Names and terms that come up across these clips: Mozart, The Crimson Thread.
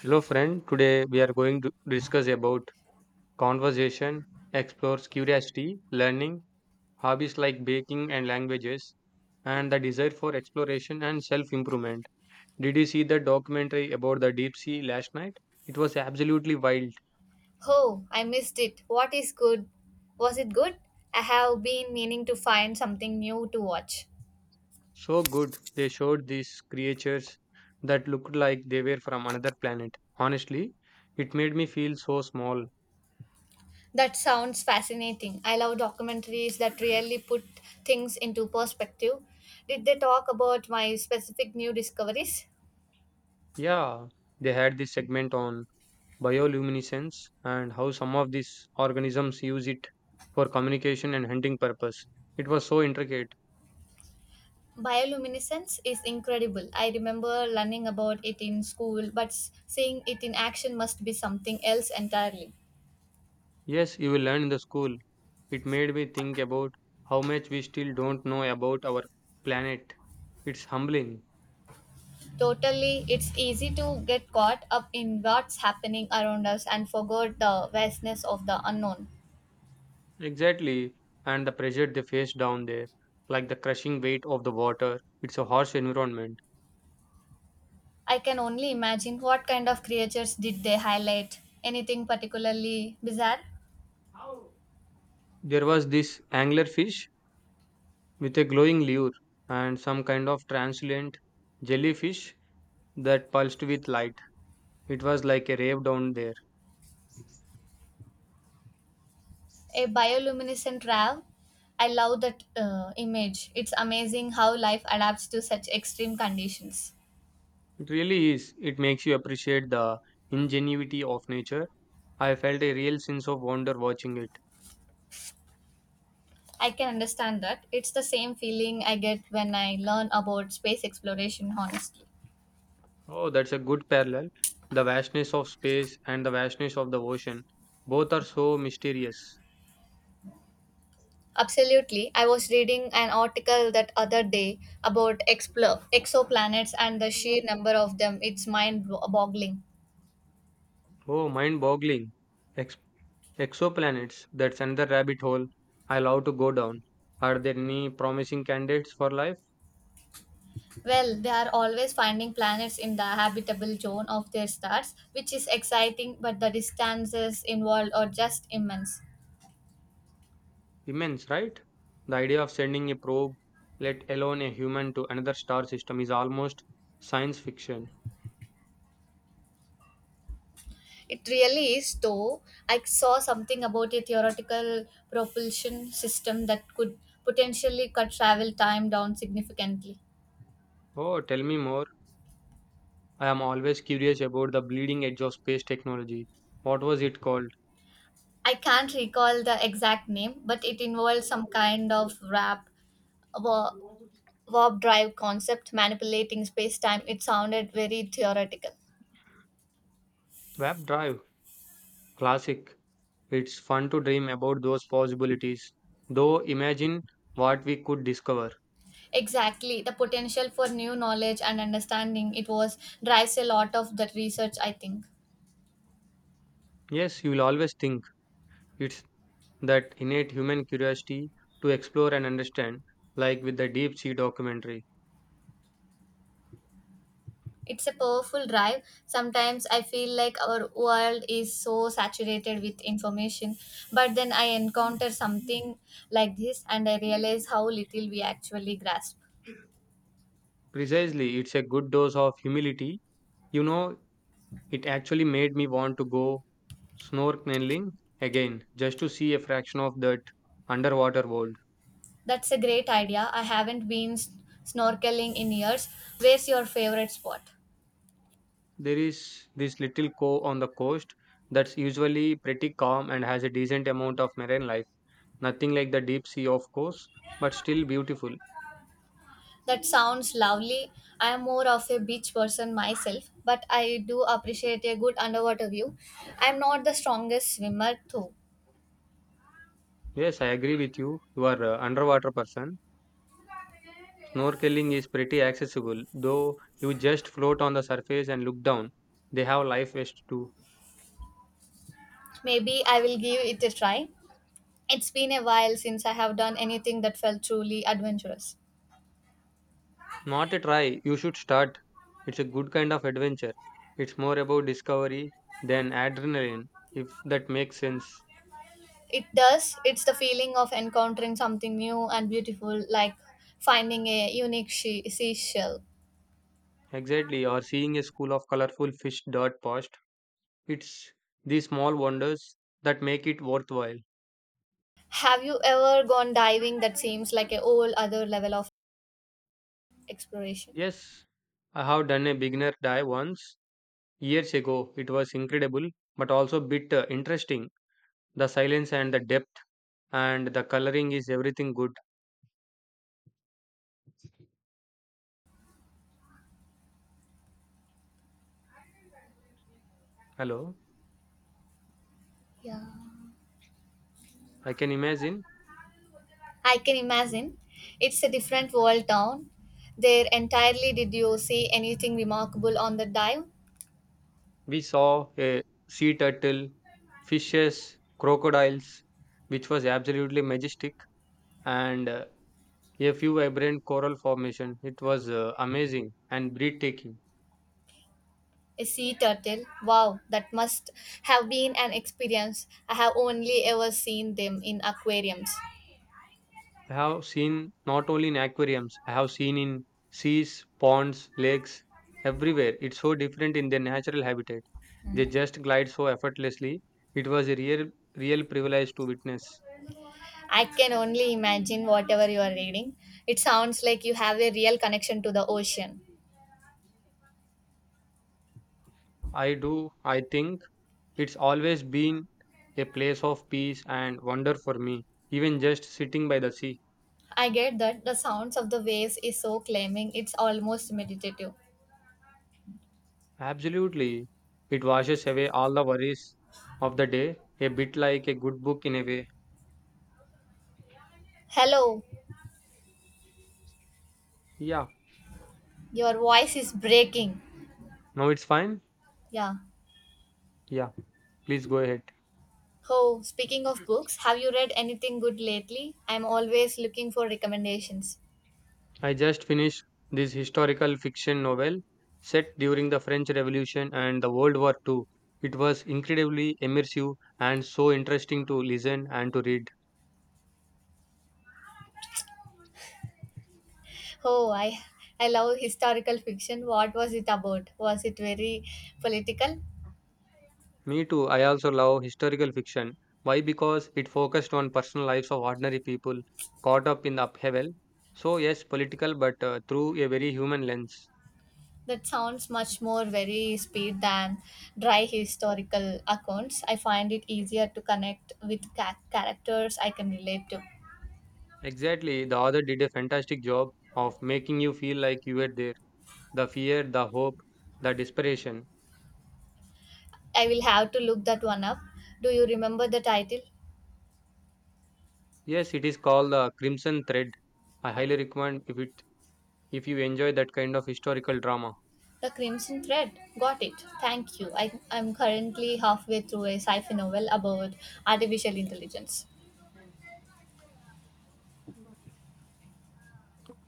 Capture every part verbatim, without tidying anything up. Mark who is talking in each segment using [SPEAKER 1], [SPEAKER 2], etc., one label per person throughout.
[SPEAKER 1] Hello, friend. Today we are going to discuss about conversation explores curiosity, learning, hobbies like baking and languages, and the desire for exploration and self improvement. Did you see the documentary about the deep sea last night? It was absolutely wild.
[SPEAKER 2] Oh, I missed it. What is good? Was it good? I have been meaning to find something new to watch.
[SPEAKER 1] So good. They showed these creatures that looked like they were from another planet. Honestly, it made me feel so small.
[SPEAKER 2] That sounds fascinating. I love documentaries that really put things into perspective. Did they talk about my specific new discoveries?
[SPEAKER 1] Yeah, they had this segment on bioluminescence and how some of these organisms use it for communication and hunting purpose. It was so intricate.
[SPEAKER 2] Bioluminescence is incredible. I remember learning about it in school, but s- seeing it in action must be something else entirely.
[SPEAKER 1] Yes, you will learn in the school. It made me think about how much we still don't know about our planet. It's humbling.
[SPEAKER 2] Totally, it's easy to get caught up in what's happening around us and forget the vastness of the unknown.
[SPEAKER 1] Exactly. And the pressure they face down there, like the crushing weight of the water. It's a harsh environment.
[SPEAKER 2] I can only imagine what kind of creatures did they highlight. Anything particularly bizarre?
[SPEAKER 1] There was this anglerfish with a glowing lure and some kind of translucent jellyfish that pulsed with light. It was like a rave down there.
[SPEAKER 2] A bioluminescent rav? I love that uh, image. It's amazing how life adapts to such extreme conditions.
[SPEAKER 1] It really is. It makes you appreciate the ingenuity of nature. I felt a real sense of wonder watching it.
[SPEAKER 2] I can understand that. It's the same feeling I get when I learn about space exploration, honestly.
[SPEAKER 1] Oh, that's a good parallel. The vastness of space and the vastness of the ocean. Both are so mysterious.
[SPEAKER 2] Absolutely. I was reading an article that other day about explo- exoplanets and the sheer number of them. It's mind boggling.
[SPEAKER 1] Oh, mind boggling. Ex- Exoplanets. That's another rabbit hole. I love to go down. Are there any promising candidates for life?
[SPEAKER 2] Well, they are always finding planets in the habitable zone of their stars, which is exciting, but the distances involved are just immense.
[SPEAKER 1] Immense, right? The idea of sending a probe, let alone a human, to another star system is almost science fiction.
[SPEAKER 2] It really is, though. I saw something about a theoretical propulsion system that could potentially cut travel time down significantly.
[SPEAKER 1] Oh, tell me more. I am always curious about the bleeding edge of space technology. What was it called?
[SPEAKER 2] I can't recall the exact name, but it involved some kind of wrap, wa- warp drive concept manipulating space time. It sounded very theoretical.
[SPEAKER 1] Web Drive. Classic. It's fun to dream about those possibilities. Though, imagine what we could discover.
[SPEAKER 2] Exactly, the potential for new knowledge and understanding it was drives a lot of the research, I think.
[SPEAKER 1] Yes, you will always think it's that innate human curiosity to explore and understand, like with the Deep Sea documentary.
[SPEAKER 2] It's a powerful drive. Sometimes I feel like our world is so saturated with information, but then I encounter something like this and I realize how little we actually grasp.
[SPEAKER 1] Precisely, it's a good dose of humility. You know, it actually made me want to go snorkeling again just to see a fraction of that underwater world.
[SPEAKER 2] That's a great idea. I haven't been s- snorkeling in years. Where's your favorite spot?
[SPEAKER 1] There is this little cove on the coast that's usually pretty calm and has a decent amount of marine life. Nothing like the deep sea, of course, but still beautiful.
[SPEAKER 2] That sounds lovely. I am more of a beach person myself, but I do appreciate a good underwater view. I'm not the strongest swimmer, though.
[SPEAKER 1] Yes, I agree with you. You are a underwater person. Snorkeling is pretty accessible, though you just float on the surface and look down. They have life vests too.
[SPEAKER 2] Maybe I will give it a try. It's been a while since I have done anything that felt truly adventurous.
[SPEAKER 1] Not a try, you should start. It's a good kind of adventure. It's more about discovery than adrenaline, if that makes sense.
[SPEAKER 2] It does. It's the feeling of encountering something new and beautiful, like finding a unique she- seashell.
[SPEAKER 1] Exactly, or seeing a school of colorful fish dart past. It's these small wonders that make it worthwhile.
[SPEAKER 2] Have you ever gone diving? That seems like a whole other level of exploration.
[SPEAKER 1] Yes, I have done a beginner dive once, years ago. It was incredible, but also bit uh, interesting. The silence and the depth and the coloring is everything good. Hello,
[SPEAKER 2] Yeah.
[SPEAKER 1] I can imagine.
[SPEAKER 2] I can imagine. It's a different world down there entirely. Did you see anything remarkable on the dive?
[SPEAKER 1] We saw a sea turtle, fishes, crocodiles, which was absolutely majestic, and uh, a few vibrant coral formation. It was uh, amazing and breathtaking.
[SPEAKER 2] A sea turtle. Wow, that must have been an experience. I have only ever seen them in aquariums.
[SPEAKER 1] I have seen not only in aquariums, I have seen in seas, ponds, lakes, everywhere. It's so different in their natural habitat. They
[SPEAKER 2] Hmm.
[SPEAKER 1] just glide so effortlessly. It was a real, real privilege to witness.
[SPEAKER 2] I can only imagine whatever you are reading. It sounds like you have a real connection to the ocean.
[SPEAKER 1] I do, I think it's always been a place of peace and wonder for me, even just sitting by the sea.
[SPEAKER 2] I get that the sounds of the waves is so claiming, it's almost meditative.
[SPEAKER 1] Absolutely. It washes away all the worries of the day, a bit like a good book in a way.
[SPEAKER 2] Hello,
[SPEAKER 1] Yeah.
[SPEAKER 2] your voice is breaking.
[SPEAKER 1] Now it's fine?
[SPEAKER 2] Yeah.
[SPEAKER 1] Yeah. Please go ahead.
[SPEAKER 2] Oh, speaking of books, have you read anything good lately? I'm always looking for recommendations.
[SPEAKER 1] I just finished this historical fiction novel set during the French Revolution and the World War the second. It was incredibly immersive and so interesting to listen and to read.
[SPEAKER 2] Oh, I I love historical fiction. What was it about? Was it very political?
[SPEAKER 1] Me too. I also love historical fiction. Why? Because it focused on personal lives of ordinary people caught up in the upheaval. So, yes, political, but uh, through a very human lens.
[SPEAKER 2] That sounds much more very speed than dry historical accounts. I find it easier to connect with ca- characters I can relate to.
[SPEAKER 1] Exactly. The author did a fantastic job of making you feel like you were there. The fear, the hope, the desperation.
[SPEAKER 2] I will have to look that one up. Do you remember the title?
[SPEAKER 1] Yes, it is called the Crimson Thread. I highly recommend if it if you enjoy that kind of historical drama.
[SPEAKER 2] The Crimson Thread. Got it. Thank you. I, I'm currently halfway through a sci fi novel about artificial intelligence.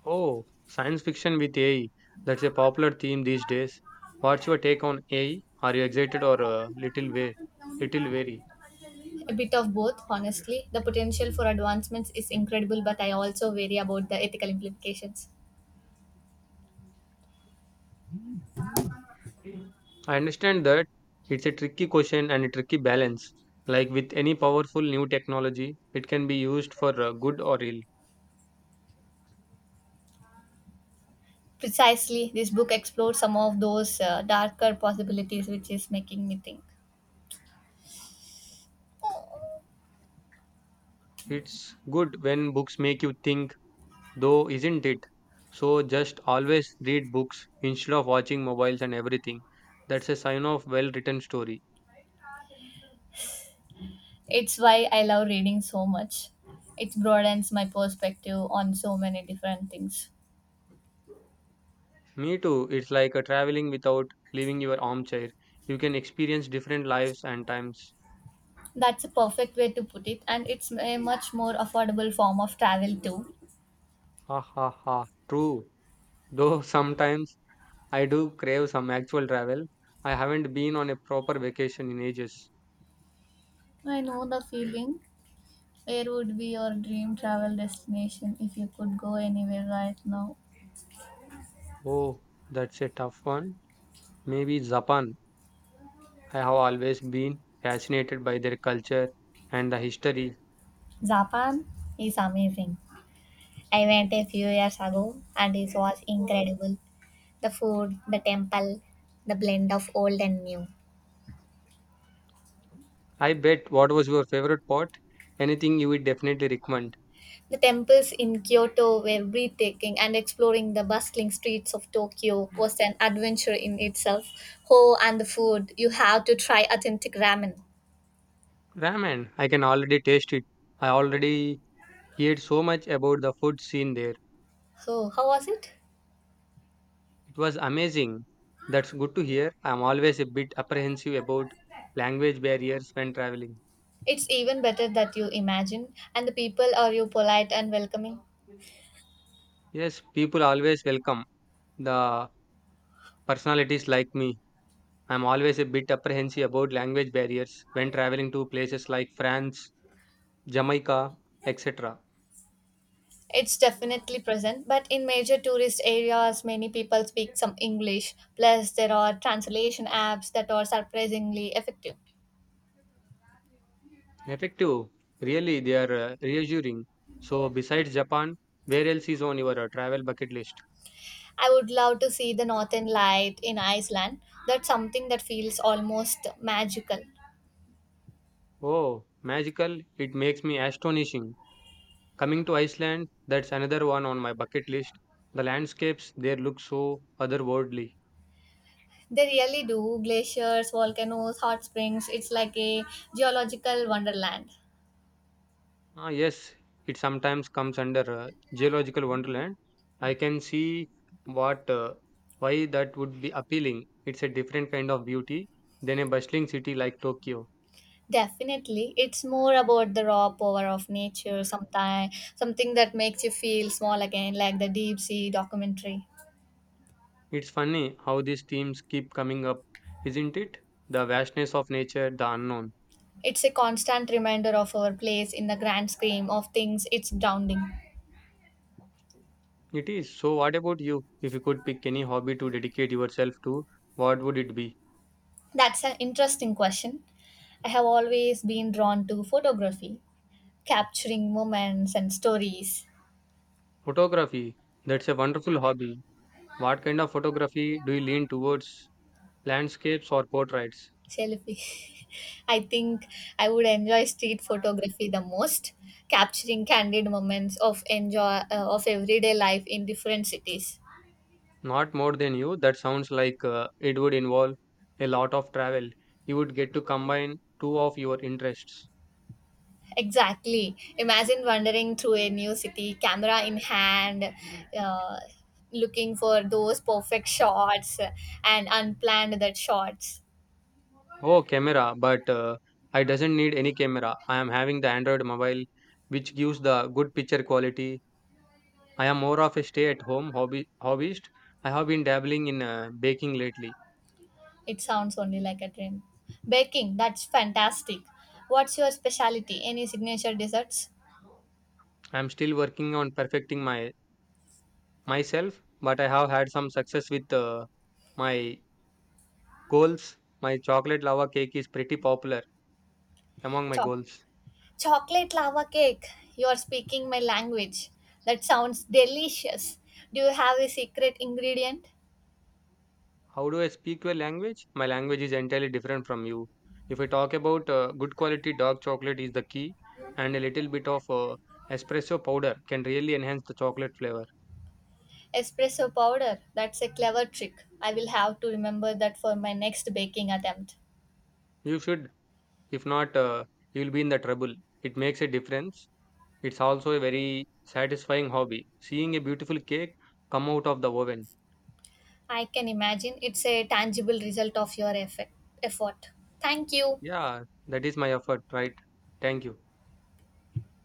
[SPEAKER 1] Oh, science fiction with A I. That's a popular theme these days. What's your take on A I? Are you excited or a little way, little wary?
[SPEAKER 2] A bit of both, honestly. The potential for advancements is incredible, but I also worry about the ethical implications.
[SPEAKER 1] I understand that it's a tricky question and a tricky balance. Like with any powerful new technology, it can be used for uh, good or ill.
[SPEAKER 2] Precisely, this book explores some of those uh, darker possibilities, which is making me think.
[SPEAKER 1] It's good when books make you think, though, isn't it? So just always read books instead of watching mobiles and everything. That's a sign of well written story.
[SPEAKER 2] It's why I love reading so much. It broadens my perspective on so many different things.
[SPEAKER 1] Me too. It's like a traveling without leaving your armchair. You can experience different lives and times.
[SPEAKER 2] That's a perfect way to put it, and it's a much more affordable form of travel, too.
[SPEAKER 1] Ha ha ha. True. Though sometimes I do crave some actual travel. I haven't been on a proper vacation in ages.
[SPEAKER 2] I know the feeling. Where would be your dream travel destination if you could go anywhere right now?
[SPEAKER 1] Oh, that's a tough one. Maybe Japan. I have always been fascinated by their culture and the history.
[SPEAKER 2] Japan is amazing. I went a few years ago and it was incredible. The food, the temple, the blend of old and new.
[SPEAKER 1] I bet what was your favorite part? Anything you would definitely recommend?
[SPEAKER 2] The temples in Kyoto were breathtaking, and exploring the bustling streets of Tokyo was an adventure in itself. Oh, and the food! You have to try authentic ramen.
[SPEAKER 1] Ramen. I can already taste it. I already he heard so much about the food scene there.
[SPEAKER 2] So, how was it?
[SPEAKER 1] It was amazing. That's good to hear. I'm always a bit apprehensive about language barriers when traveling.
[SPEAKER 2] It's even better that you imagine, and the people are you polite and welcoming.
[SPEAKER 1] Yes, people always welcome the personalities like me. I'm always a bit apprehensive about language barriers when traveling to places like France, Jamaica, et cetera.
[SPEAKER 2] It's definitely present, but in major tourist areas, many people speak some English. Plus, there are translation apps that are surprisingly effective.
[SPEAKER 1] Effective, really, they are uh, reassuring. So, besides Japan, where else is on your uh, travel bucket list?
[SPEAKER 2] I would love to see the northern light in Iceland. That's something that feels almost magical.
[SPEAKER 1] Oh, magical, it makes me astonishing. Coming to Iceland, that's another one on my bucket list. The landscapes there look so otherworldly.
[SPEAKER 2] They really do glaciers, volcanoes, hot springs. It's like a geological wonderland.
[SPEAKER 1] Ah, yes, it sometimes comes under uh, geological wonderland. I can see what uh, why that would be appealing. It's a different kind of beauty than a bustling city like Tokyo.
[SPEAKER 2] Definitely, it's more about the raw power of nature, sometime, something that makes you feel small again, like the deep sea documentary.
[SPEAKER 1] It's funny how these themes keep coming up, isn't it? The vastness of nature, the unknown.
[SPEAKER 2] It's a constant reminder of our place in the grand scheme of things. It's grounding.
[SPEAKER 1] It is. So, what about you? If you could pick any hobby to dedicate yourself to, what would it be?
[SPEAKER 2] That's an interesting question. I have always been drawn to photography, capturing moments and stories.
[SPEAKER 1] Photography. That's a wonderful hobby. What kind of photography do you lean towards? Landscapes or portraits?
[SPEAKER 2] Selfie. I think I would enjoy street photography the most, capturing candid moments of enjoy uh, of everyday life in different cities.
[SPEAKER 1] Not more than you. That sounds like uh, it would involve a lot of travel. You would get to combine two of your interests.
[SPEAKER 2] Exactly. Imagine wandering through a new city, camera in hand, uh, looking for those perfect shots and unplanned that shots.
[SPEAKER 1] Oh, camera, but uh, I doesn't need any camera. I am having the Android mobile, which gives the good picture quality. I am more of a stay at home hobby hobbyist. I have been dabbling in uh, baking lately.
[SPEAKER 2] It sounds only like a dream. Baking, that's fantastic. What's your specialty? Any signature desserts?
[SPEAKER 1] I am still working on perfecting my myself, but I have had some success with uh, my goals. My chocolate lava cake is pretty popular among my
[SPEAKER 2] Choc
[SPEAKER 1] goals.
[SPEAKER 2] Chocolate lava cake. You are speaking my language. That sounds delicious. Do you have a secret ingredient?
[SPEAKER 1] How do I speak your language? My language is entirely different from you. If I talk about uh, good quality dark chocolate is the key, and a little bit of uh, espresso powder can really enhance the chocolate flavor.
[SPEAKER 2] Espresso powder. That's a clever trick. I will have to remember that for my next baking attempt.
[SPEAKER 1] You should. If not, uh, you'll be in the trouble. It makes a difference. It's also a very satisfying hobby. Seeing a beautiful cake come out of the oven.
[SPEAKER 2] I can imagine it's a tangible result of your effect, effort. Thank you.
[SPEAKER 1] Yeah, that is my effort, right? Thank you.